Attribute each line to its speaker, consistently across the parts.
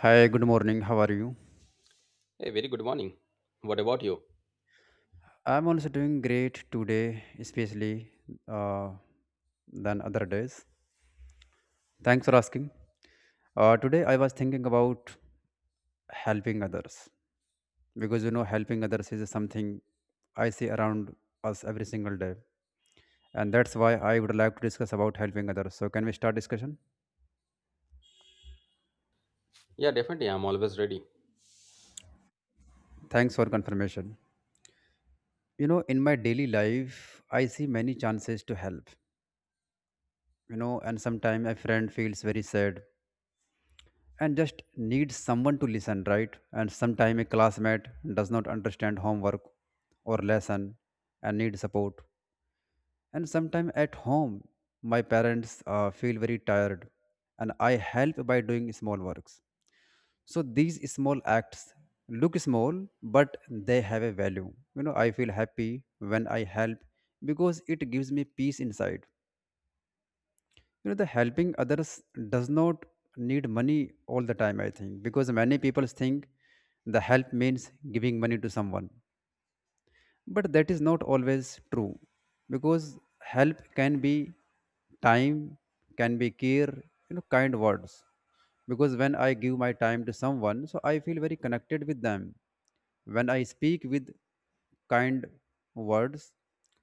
Speaker 1: Hi, good morning. How are you?
Speaker 2: Hey, very good morning. What about you?
Speaker 1: I'm also doing great today, especially uh, than other days. Thanks for asking. Today, I was thinking about helping others because helping others is something I see around us every single day, and that's why I would like to discuss about helping others. So, can we start discussion?
Speaker 2: Yeah, definitely. I'm always ready.
Speaker 1: Thanks for confirmation. You know, in my daily life, I see many chances to help. You know, and sometimes a friend feels very sad and just needs someone to listen right and sometime a classmate does not understand homework or lesson and need support and sometime at home my parents feel very tired and I help by doing small works. So these small acts look small, but they have a value. You know, I feel happy when I help because it gives me peace inside. You know, the helping others does not need money all the time, I think, because many people think the help means giving money to someone, but that is not always true because help can be time, can be care, you know, kind words. Because when I give my time to someone, so I feel very connected with them. When I speak with kind words,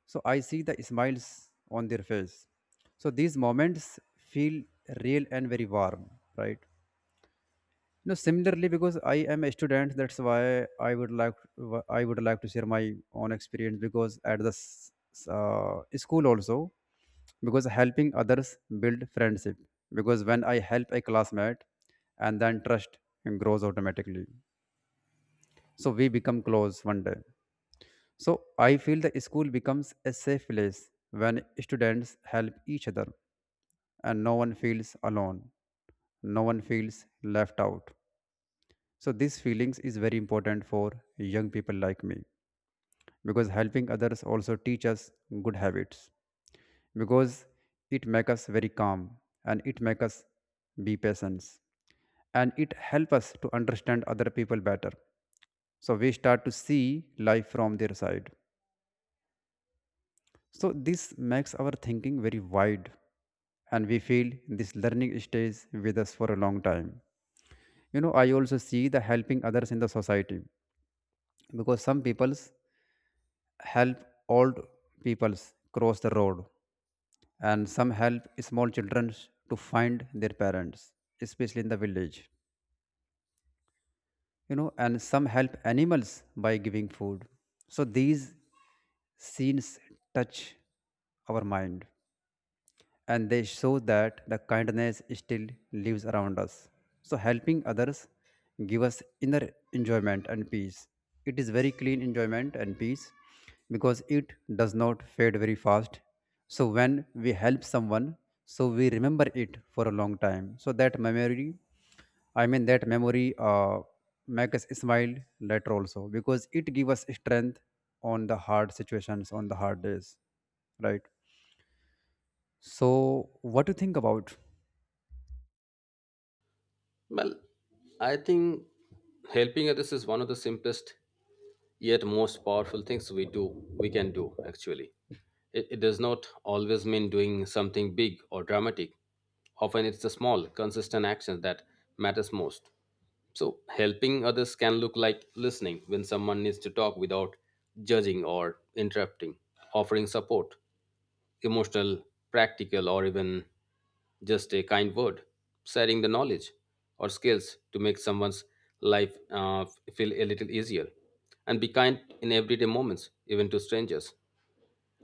Speaker 1: so I see the smiles on their face. So these moments feel real and very warm, right? No, similarly, because I am a student, that's why I would like to share my own experience because at the school also, because helping others build friendship. Because when I help a classmate, and then trust grows automatically. So we become close one day. So I feel the school becomes a safe place when students help each other, and no one feels alone. No one feels left out. So these feelings is very important for young people like me because helping others also teach us good habits because it make us very calm and it make us be patient and it help us to understand other people better. So we start to see life from their side. So this makes our thinking very wide and we feel this learning stays with us for a long time. You know, I also see the helping others in the society because some people's help old peoples cross the road, and some help small children to find their parents, especially in the village. You know, and some help animals by giving food. So these scenes touch our mind, and they show that the kindness still lives around us. So helping others give us inner enjoyment and peace. It is very clean enjoyment and peace because it does not fade very fast. So when we help someone, so we remember it for a long time. So that memory, I mean that memory, make us smile later also because it give us strength on the hard situations, on the hard days, right? So what do you think about?
Speaker 2: Well, I think helping others is one of the simplest yet most powerful things we can do actually. It does not always mean doing something big or dramatic. Often it's the small, consistent actions that matters most. So helping others can look like listening when someone needs to talk without judging or interrupting, offering support emotional, practical, or even just a kind word, sharing the knowledge or skills to make someone's life feel a little easier. And be kind in everyday moments, even to strangers,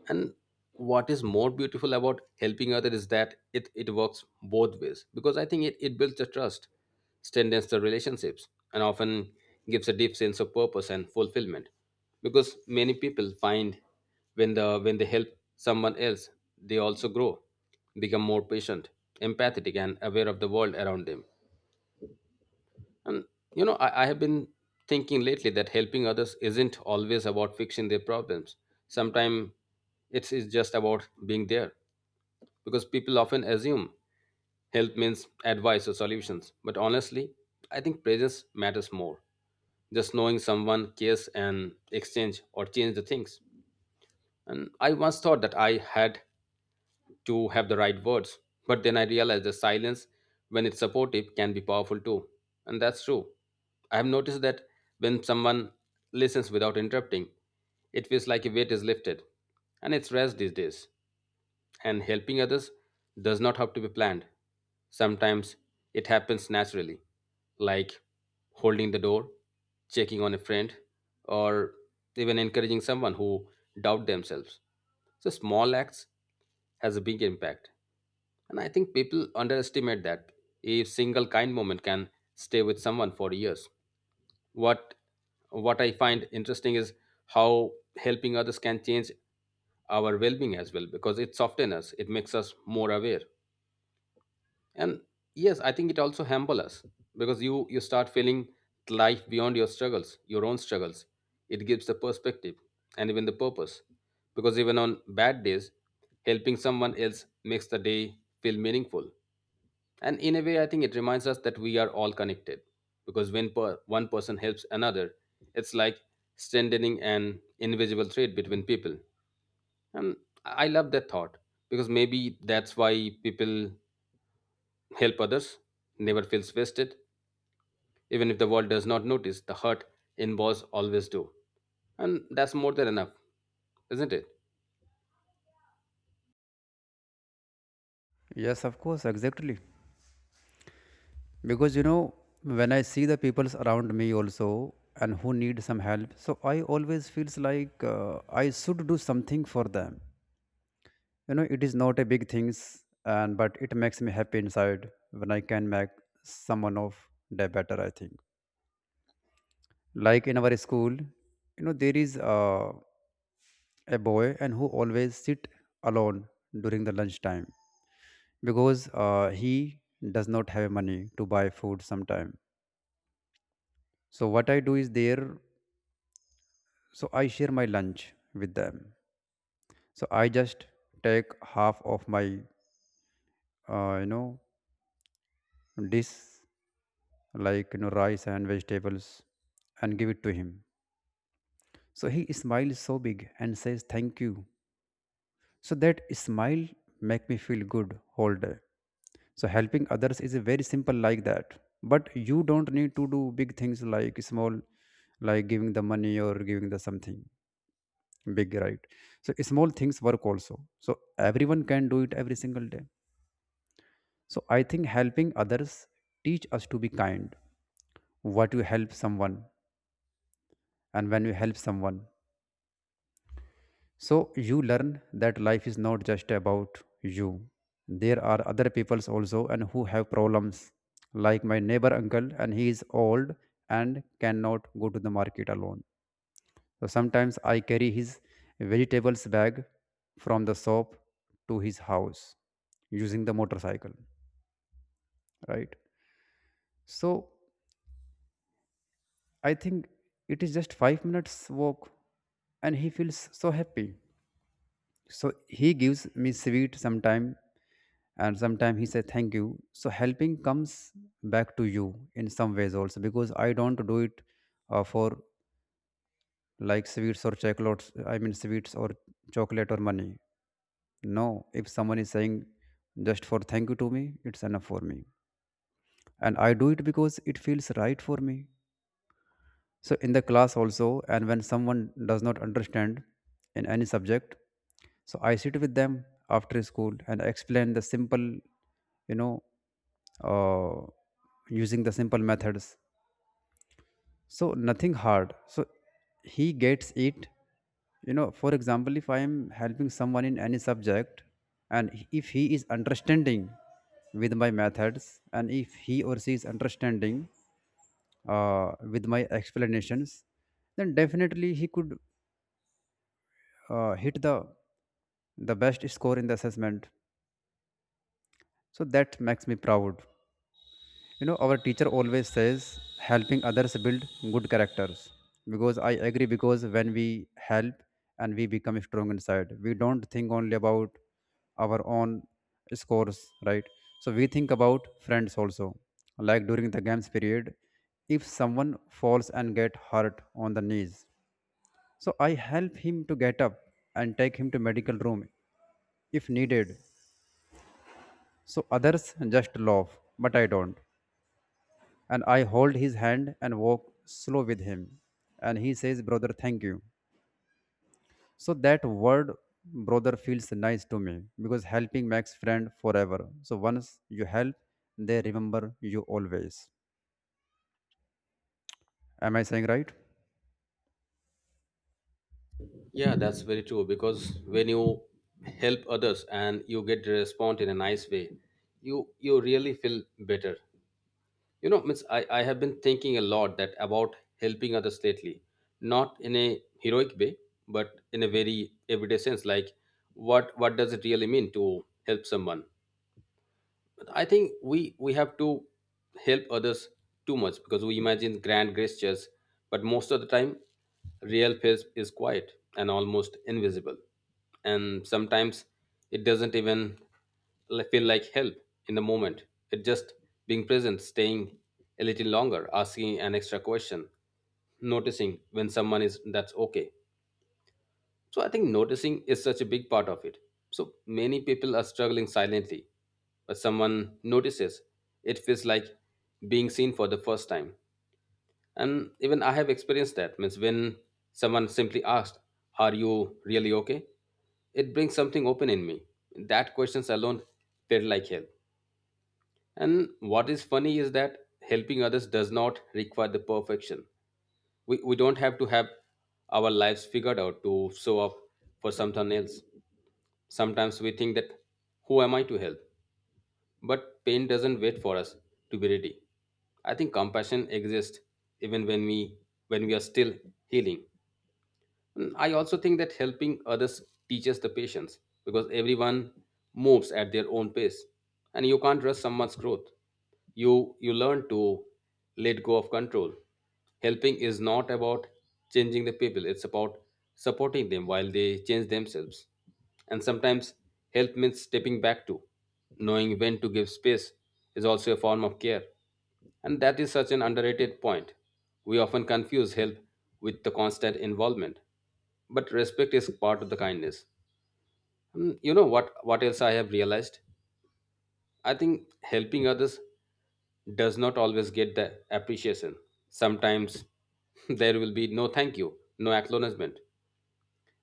Speaker 2: and what is more beautiful about helping others is that it works both ways because I think it builds the trust, strengthens the relationships, and often gives a deep sense of purpose and fulfillment because many people find when they help someone else, they also grow, become more patient, empathetic, and aware of the world around them. And I have been thinking lately that helping others isn't always about fixing their problems. Sometimes it's just about being there because people often assume help means advice or solutions. But honestly, I think presence matters more. Just knowing someone cares and exchange or change the things. And I once thought that I had to have the right words. But then I realized the silence, when it's supportive, can be powerful too. And that's true. I have noticed that when someone listens without interrupting, it feels like a weight is lifted. And it's rare these days. And helping others does not have to be planned. Sometimes it happens naturally, like holding the door, checking on a friend, or even encouraging someone who doubt themselves. So small acts has a big impact. And I think people underestimate that a single kind moment can stay with someone for years. What what I find interesting is how helping others can change our well-being as well because it softens us, it makes us more aware, and yes, I think it also humble us because you start feeling life beyond your own struggles. It gives the perspective and even the purpose because even on bad days, helping someone else makes the day feel meaningful. And in a way, I think it reminds us that we are all connected because one person helps another, it's like strengthening an invisible thread between people. And I love that thought because maybe that's why people help others, never feels wasted. Even if the world does not notice, the hurt involves always do. And that's more than enough, isn't it?
Speaker 1: Yes, of course, exactly. Because you know, when I see the peoples around me also and who need some help, so I always feels like I should do something for them. You know, it is not a big things, and but it makes me happy inside when I can make someone of day better, I think. Like in our school, you know, there is a boy and who always sit alone during the lunchtime because he does not have money to buy food sometime. So what I do is there, so I share my lunch with them. So I just take half of my you know, dish, like you know, rice and vegetables, and give it to him. So he smiles so big and says thank you. So that smile make me feel good whole day. So helping others is very simple like that. But you don't need to do big things like small, like giving the money or giving the something big, right? So small things work also. So everyone can do it every single day. So I think helping others teach us to be kind. What you help someone and when you help someone, so you learn that life is not just about you. There are other peoples also and who have problems. Like my neighbor uncle and he is old and cannot go to the market alone. So sometimes I carry his vegetables bag from the shop to his house using the motorcycle, right? So I think it is just 5 minutes walk and he feels so happy. So he gives me sweet sometime, and sometime he says thank you. So helping comes back to you in some ways also, because I don't do it for, like, sweets or chocolates, I mean sweets or chocolate or money. No, if someone is saying just for thank you to me, it's enough for me, and I do it because it feels right for me. So, in the class also, and when someone does not understand in any subject, so I sit with them after school and explain the simple, you know, uh, using the simple methods. So, nothing hard. So, he gets it. You know, for example, if I am helping someone in any subject, and if he is understanding with my methods, and if he or she is understanding, with my explanations, then definitely he could hit the best score in the assessment. So that makes me proud. You know, our teacher always says helping others build good characters. Because I agree. Because when we help and we become strong inside, we don't think only about our own scores, right? So we think about friends also. Like during the games period, if someone falls and get hurt on the knees, so I help him to get up and take him to medical room if needed. So others just laugh, but I don't. And I hold his hand and walk slow with him. And he says, "Brother, thank you." So that word brother feels nice to me because helping makes friend forever. So once you help, they remember you always. Am I saying right?
Speaker 2: Yeah, that's very true because when you help others and you get the response in a nice way, you really feel better, you know. Means I have been thinking a lot that about helping others lately, not in a heroic way but in a very everyday sense, like what does it really mean to help someone? I think we have to help others too much because we imagine grand gestures, but most of the time, real peace is quiet and almost invisible, and sometimes it doesn't even feel like help in the moment. It just being present, staying a little longer, asking an extra question, noticing when someone is that's okay. So I think noticing is such a big part of it. So many people are struggling silently, but someone notices. It feels like being seen for the first time. And even I have experienced that. Means when someone simply asked, "Are you really okay?" It brings something open in me. That questions alone felt like help. And what is funny is that helping others does not require the perfection. We don't have to have our lives figured out to show up for someone else. Sometimes we think that, who am I to help? But pain doesn't wait for us to be ready. I think compassion exists even when we are still healing. Mm, I also think that helping others teaches the patience because everyone moves at their own pace and you can't rush someone's growth. You learn to let go of control. Helping is not about changing the people, it's about supporting them while they change themselves. And sometimes help means stepping back too. Knowing when to give space is also a form of care. And that is such an underrated point. We often confuse help with the constant involvement, but respect is part of the kindness. Mm, you know what else I have realized, I think helping others does not always get the appreciation. Sometimes there will be no thank you, no acknowledgement,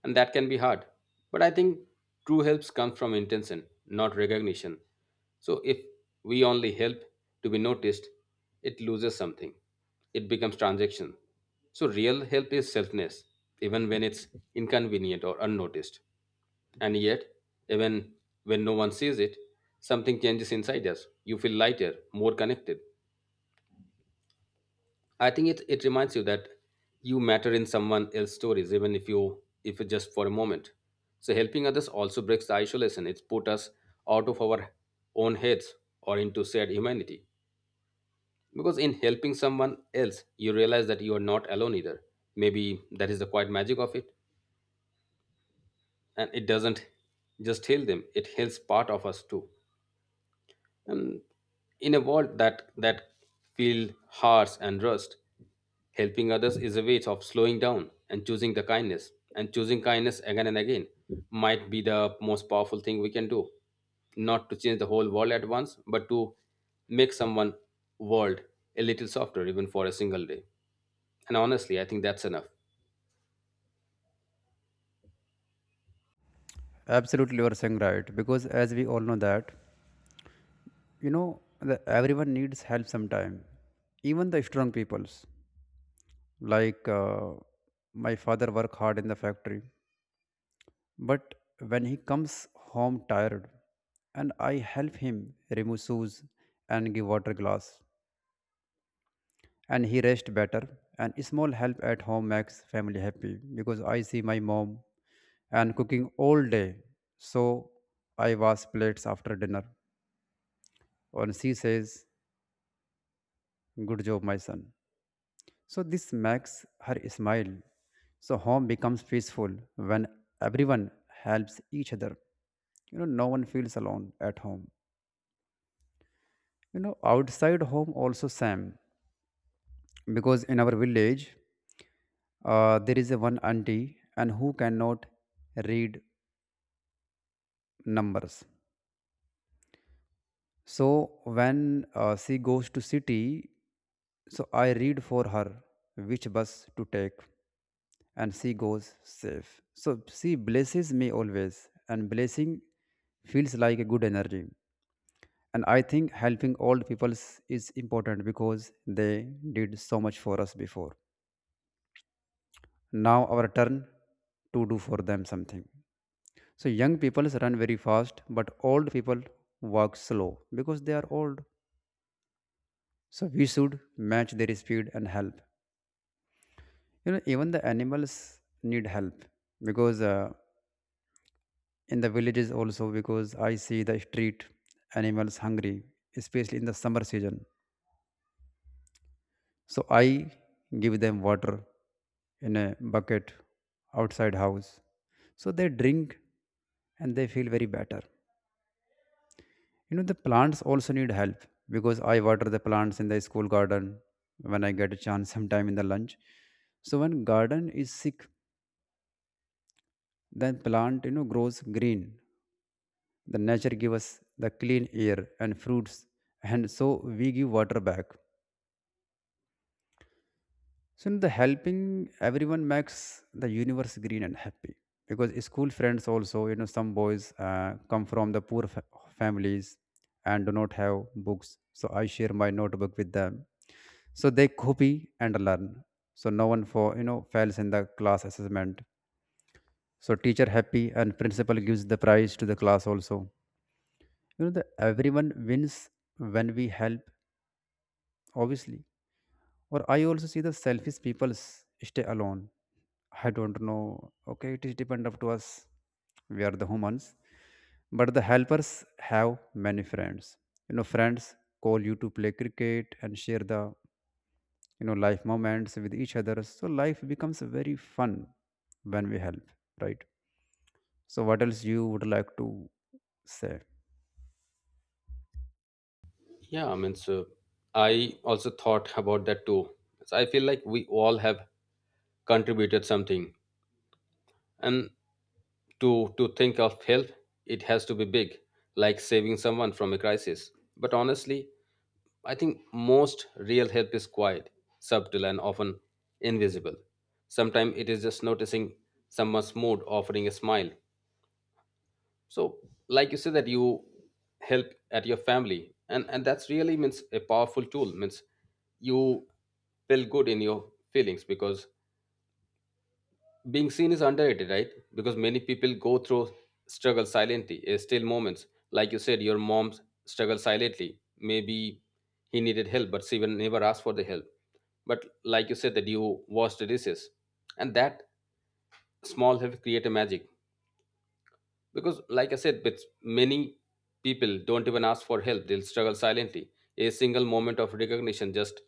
Speaker 2: and that can be hard. But I think true helps comes from intention, not recognition. So if we only help to be noticed, it loses something. It becomes transaction. So real help is selfness, even when it's inconvenient or unnoticed. And yet, even when no one sees it, something changes inside us. You feel lighter, more connected. I think it reminds you that you matter in someone else's stories, even if you if it's just for a moment. So helping others also breaks the isolation. It's put us out of our own heads or into shared humanity. Because in helping someone else, you realize that you are not alone either. Maybe that is the quiet magic of it. And it doesn't just heal them, it heals part of us too. And in a world that feel harsh and rust, helping others is a way of slowing down and choosing the kindness, and choosing kindness again and again might be the most powerful thing we can do, not to change the whole world at once but to make someone world a little softer, even for a single day. And honestly, I think that's enough.
Speaker 1: Absolutely, you are saying right. Because as we all know that, you know that everyone needs help sometime. Even the strong peoples, like my father work hard in the factory, but when he comes home tired and I help him remove shoes and give water glass, and he rest better. And small help at home makes family happy because I see my mom and cooking all day, so I wash plates after dinner, and she says, "Good job, my son." So this makes her smile. So home becomes peaceful when everyone helps each other. You know, no one feels alone at home. You know, outside home also same, because in our village there is a one auntie and who cannot read numbers. So when she goes to city, so I read for her which bus to take, and she goes safe. So she blesses me always, and blessing feels like a good energy. And I think helping old people is important because they did so much for us before. Now our turn to do for them something. So young people run very fast, but old people walk slow because they are old. So we should match their speed and help. You know, even the animals need help because in the villages also, because I see the street animals hungry, especially in the summer season. So I give them water in a bucket outside house. So they drink and they feel very better. You know, the plants also need help because I water the plants in the school garden when I get a chance sometime in the lunch. So when garden is sick, then plant, you know, grows green. The nature gives us the clean air and fruits, and so we give water back. So in the helping everyone makes the universe green and happy. Because school friends also, you know, some boys come from the poor families and do not have books. So I share my notebook with them. So they copy and learn. So no one, for you know, fails in the class assessment. So teacher happy and principal gives the prize to the class also. You know, the everyone wins when we help, obviously. Or I also see the selfish people stay alone. I don't know. Okay, it is depend up to us. We are the humans, but the helpers have many friends. You know, friends call you to play cricket and share the, you know, life moments with each other. So life becomes very fun when we help, right? So what else you would like to say?
Speaker 2: Yeah, I mean, so I also thought about that too. So I feel like we all have contributed something, and to think of help, it has to be big, like saving someone from a crisis. But honestly, I think most real help is quiet, subtle, and often invisible. Sometimes it is just noticing someone's mood, offering a smile. So like you said that you help at your family, and that's really means a powerful tool. Means you feel good in your feelings because being seen is underrated, right? Because many people go through struggle silently, eh, still moments. Like you said, your mom struggled silently. Maybe he needed help, but she will never asked for the help. But like you said, that you wash the dishes, and that small help create a magic. Because like I said, with many people don't even ask for help; they'll struggle silently. A single moment of recognition, just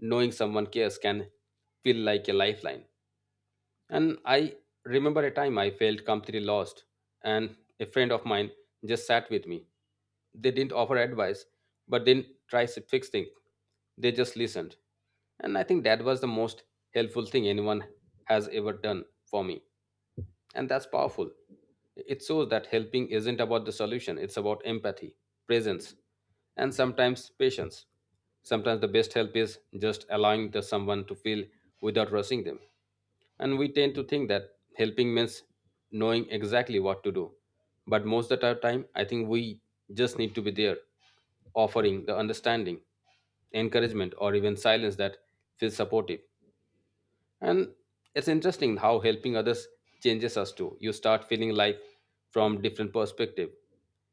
Speaker 2: knowing someone cares, can feel like a lifeline. And I remember a time I felt completely lost, and a friend of mine just sat with me. They didn't offer advice, but didn't try to fix things. They just listened. And I think that was the most helpful thing anyone has ever done for me. And that's powerful. It shows that helping isn't about the solution, it's about empathy, presence, and sometimes patience. Sometimes the best help is just allowing the someone to feel without rushing them. And we tend to think that helping means knowing exactly what to do. But most of the time, I think we just need to be there, offering the understanding, encouragement, or even silence that feels supportive. And it's interesting how helping others changes us too. You start feeling life from different perspective.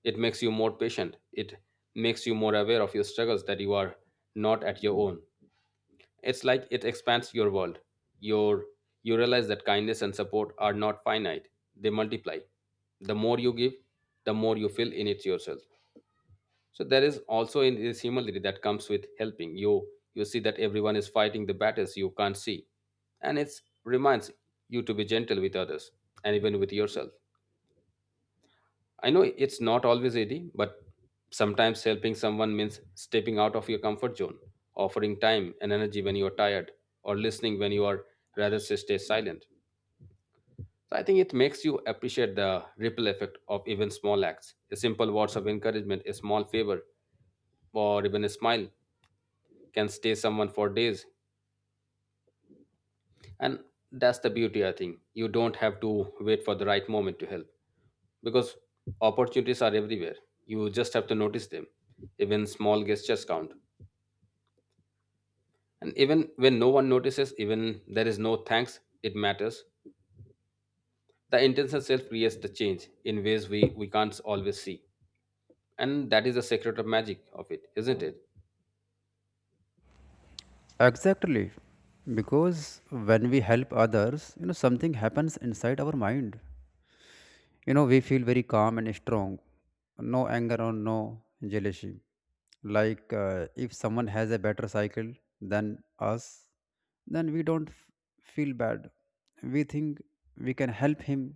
Speaker 2: It makes you more patient. It makes you more aware of your struggles that you are not at your own. It's like it expands your world. Your you realize that kindness and support are not finite. They multiply. The more you give, the more you feel in it yourself. So there is also in this humility that comes with helping. You see that everyone is fighting the battles you can't see. And it reminds you to be gentle with others and even with yourself. I know it's not always easy, but sometimes helping someone means stepping out of your comfort zone, offering time and energy when you are tired, or listening when you are rather to stay silent. So I think it makes you appreciate the ripple effect of even small acts. A simple words of encouragement, a small favor, or even a smile can stay someone for days. And that's the beauty. I think you don't have to wait for the right moment to help because opportunities are everywhere, you just have to notice them. Even small gestures count, and even when no one notices, even there is no thanks, it matters. The intention itself creates the change in ways we can't always see. And that is the secret of magic of it, isn't it?
Speaker 1: Exactly. Because when we help others, you know, something happens inside our mind. You know, we feel very calm and strong. No anger or no jealousy. Like if someone has a better cycle than us, then we don't feel bad. We think we can help him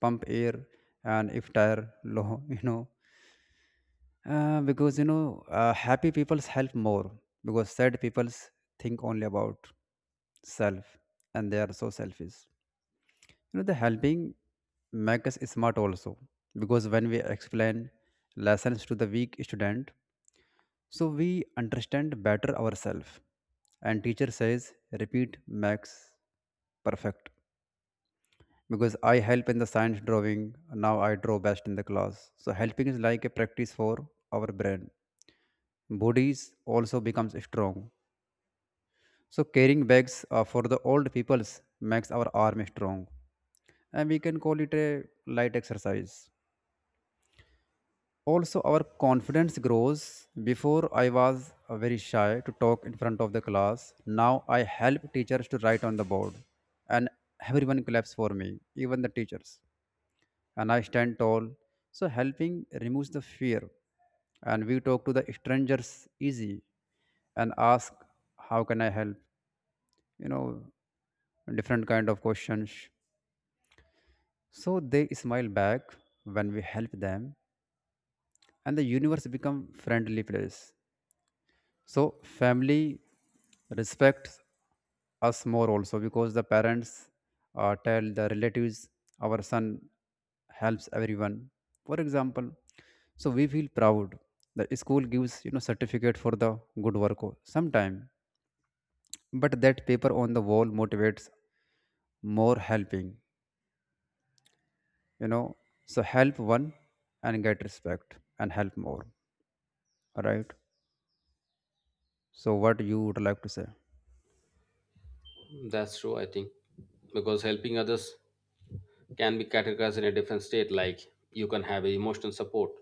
Speaker 1: pump air and if tire low, because happy people's help more because sad people's think only about self and they are so selfish. You know, the helping make us smart also because when we explain lessons to the weak student, so we understand better ourselves. And teacher says, repeat makes perfect because I help in the science drawing. Now I draw best in the class. So helping is like a practice for our brain bodies also becomes strong. So carrying bags for the old peoples makes our arm strong, and we can call it a light exercise. Also, our confidence grows. Before I was very shy to talk in front of the class. Now I help teachers to write on the board, and everyone claps for me, even the teachers. And I stand tall. So helping removes the fear. And we talk to the strangers easy and ask, how can I help? You know, different kind of questions. So they smile back when we help them and the universe become friendly place. So family respects us more also because the parents tell the relatives our son helps everyone. For example, so we feel proud. The school gives certificate for the good work sometime, but that paper on the wall motivates more helping. You know, so help one and get respect and help more. All right. So what you would like to say?
Speaker 2: That's true. I think because helping others can be categorized in a different state, like you can have emotional support,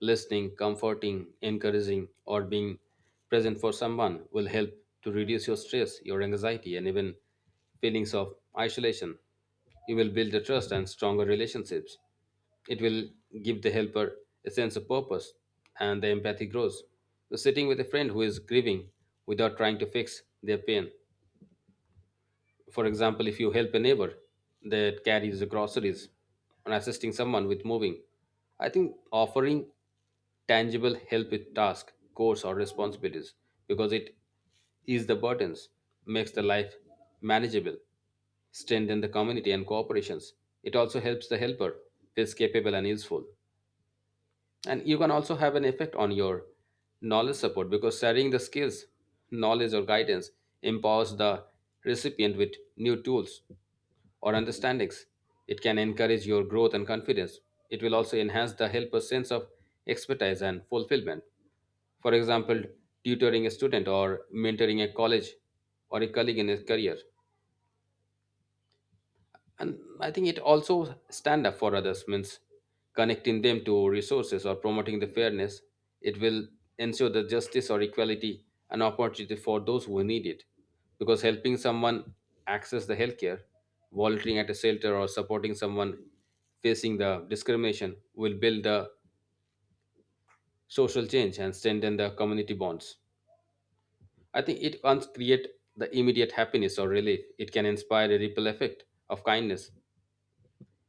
Speaker 2: listening, comforting, encouraging, or being present for someone will help to reduce your stress, your anxiety, and even feelings of isolation. You will build a trust and stronger relationships. It will give the helper a sense of purpose, and the empathy grows. So sitting with a friend who is grieving without trying to fix their pain, for example, if you help a neighbor that carries the groceries or assisting someone with moving, I think offering tangible help with task, course, or responsibilities because it ease the burdens, makes the life manageable, strengthen the community and cooperations. It also helps the helper feels capable and useful. And you can also have an effect on your knowledge support because sharing the skills, knowledge, or guidance empowers the recipient with new tools or understandings. It can encourage your growth and confidence. It will also enhance the helper's sense of expertise and fulfillment. For example, tutoring a student or mentoring a college or a colleague in his career. And I think it also stand up for others means connecting them to resources or promoting the fairness. It will ensure the justice or equality and opportunity for those who need it because helping someone access the healthcare, volunteering at a shelter, or supporting someone facing the discrimination will build the social change and strengthen the community bonds. I think it once create the immediate happiness or relief, it can inspire a ripple effect of kindness.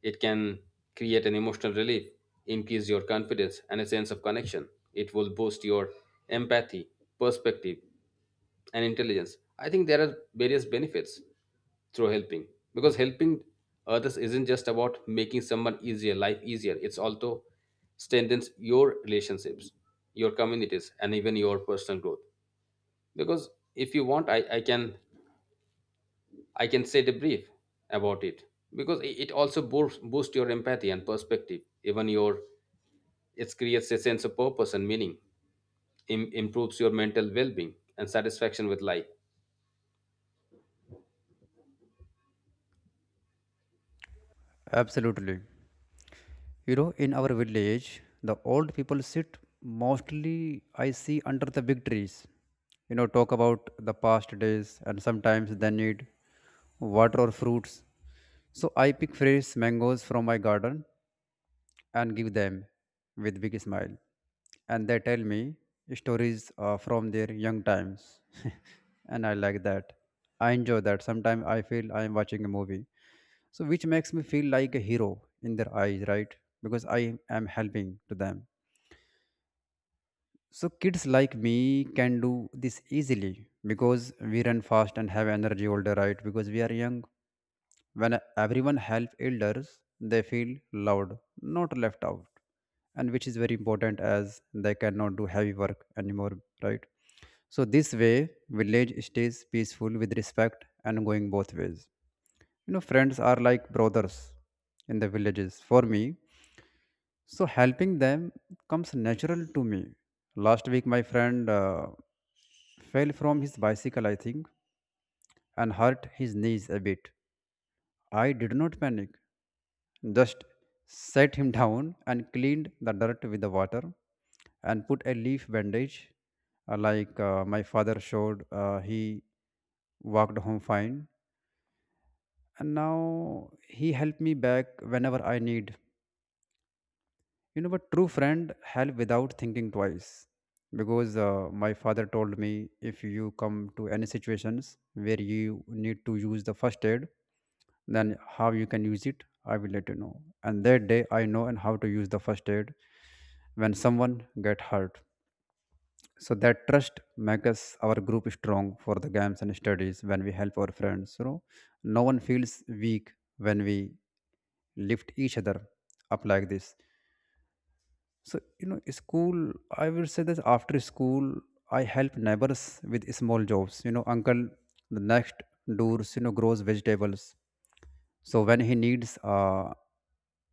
Speaker 2: It can create an emotional relief, increase your confidence and a sense of connection. It will boost your empathy, perspective, and intelligence. I think there are various benefits through helping because helping others isn't just about making someone easier, life easier. It's also strengthens your relationships, your communities, and even your personal growth. Because if you want, I can set a brief about it because it also boost your empathy and perspective, even your. It creates a sense of purpose and meaning, improves your mental well being and satisfaction with life.
Speaker 1: Absolutely. You know, in our village, the old people sit mostly, I see, under the big trees. You know, talk about the past days, and sometimes they need water or fruits. So I pick fresh mangoes from my garden and give them with big smile. And they tell me stories from their young times. And I like that. I enjoy that. Sometimes I feel I am watching a movie. So which makes me feel like a hero in their eyes, right? Because I am helping to them. So kids like me can do this easily because we run fast and have energy all the right because we are young when everyone helps elders, they feel loved, not left out, and which is very important as they cannot do heavy work anymore, right? So this way, village stays peaceful with respect and going both ways. You know, friends are like brothers in the villages for me. So helping them comes natural to me. Last week, my friend fell from his bicycle, I think, and hurt his knees a bit. I did not panic. Just set him down and cleaned the dirt with the water and put a leaf bandage like my father showed he walked home fine and now he helped me back whenever I need, but true friend help without thinking twice. Because my father told me if you come to any situations where you need to use the first aid, then how you can use it, I will let you know. And that day I know and how to use the first aid when someone get hurt. So that trust makes our group strong for the games and studies when we help our friends. You know, no one feels weak when we lift each other up like this so, school, I will say that after school, I help neighbors with small jobs. You know, uncle, the next doors, grows vegetables. So when he needs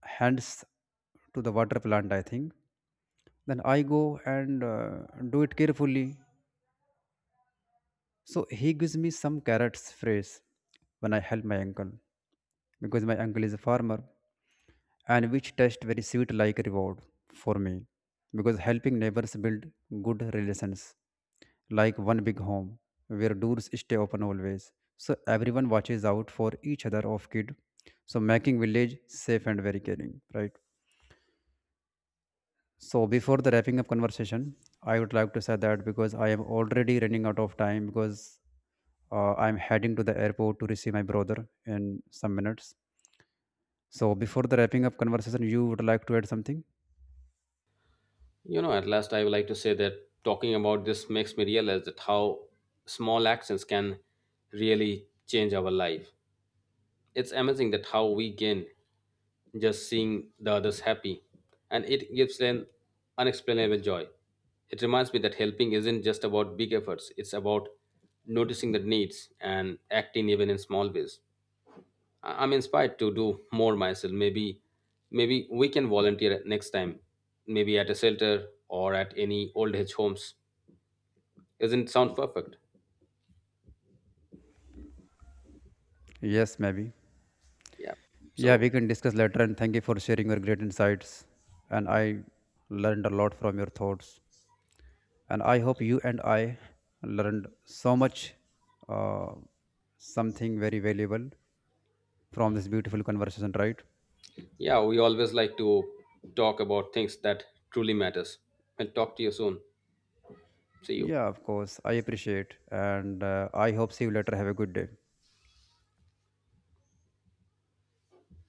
Speaker 1: hands to the water plant, I think, then I go and do it carefully. So he gives me some carrots phrase, when I help my uncle because my uncle is a farmer and which taste very sweet like reward for me because helping neighbors build good relations like one big home where doors stay open always so everyone watches out for each other of kid so making village safe and very caring, right? So before the wrapping up conversation, I would like to say that because I am already running out of time because I'm heading to the airport to receive my brother in some minutes. So before the wrapping up conversation, you would like to add something?
Speaker 2: You know, at last, I would like to say that talking about this makes me realize that how small actions can really change our life. It's amazing that how we gain just seeing the others happy, and it gives an unexplainable joy. It reminds me that helping isn't just about big efforts, it's about noticing the needs and acting even in small ways. I'm inspired to do more myself. Maybe we can volunteer at next time. Maybe at a shelter or at any old age homes. Isn't it sound perfect?
Speaker 1: Yes, maybe.
Speaker 2: Yeah.
Speaker 1: Yeah, we
Speaker 2: So
Speaker 1: can discuss later. And thank you for sharing your great insights. And I learned a lot from your thoughts. And I hope you and I learned so much, uh, something very valuable from this beautiful conversation, right?
Speaker 2: yeah, we always like to talk about things that truly matters. I'll talk to you soon. See you.
Speaker 1: Yeah, of course. I appreciate and I hope see you later. Have a good day.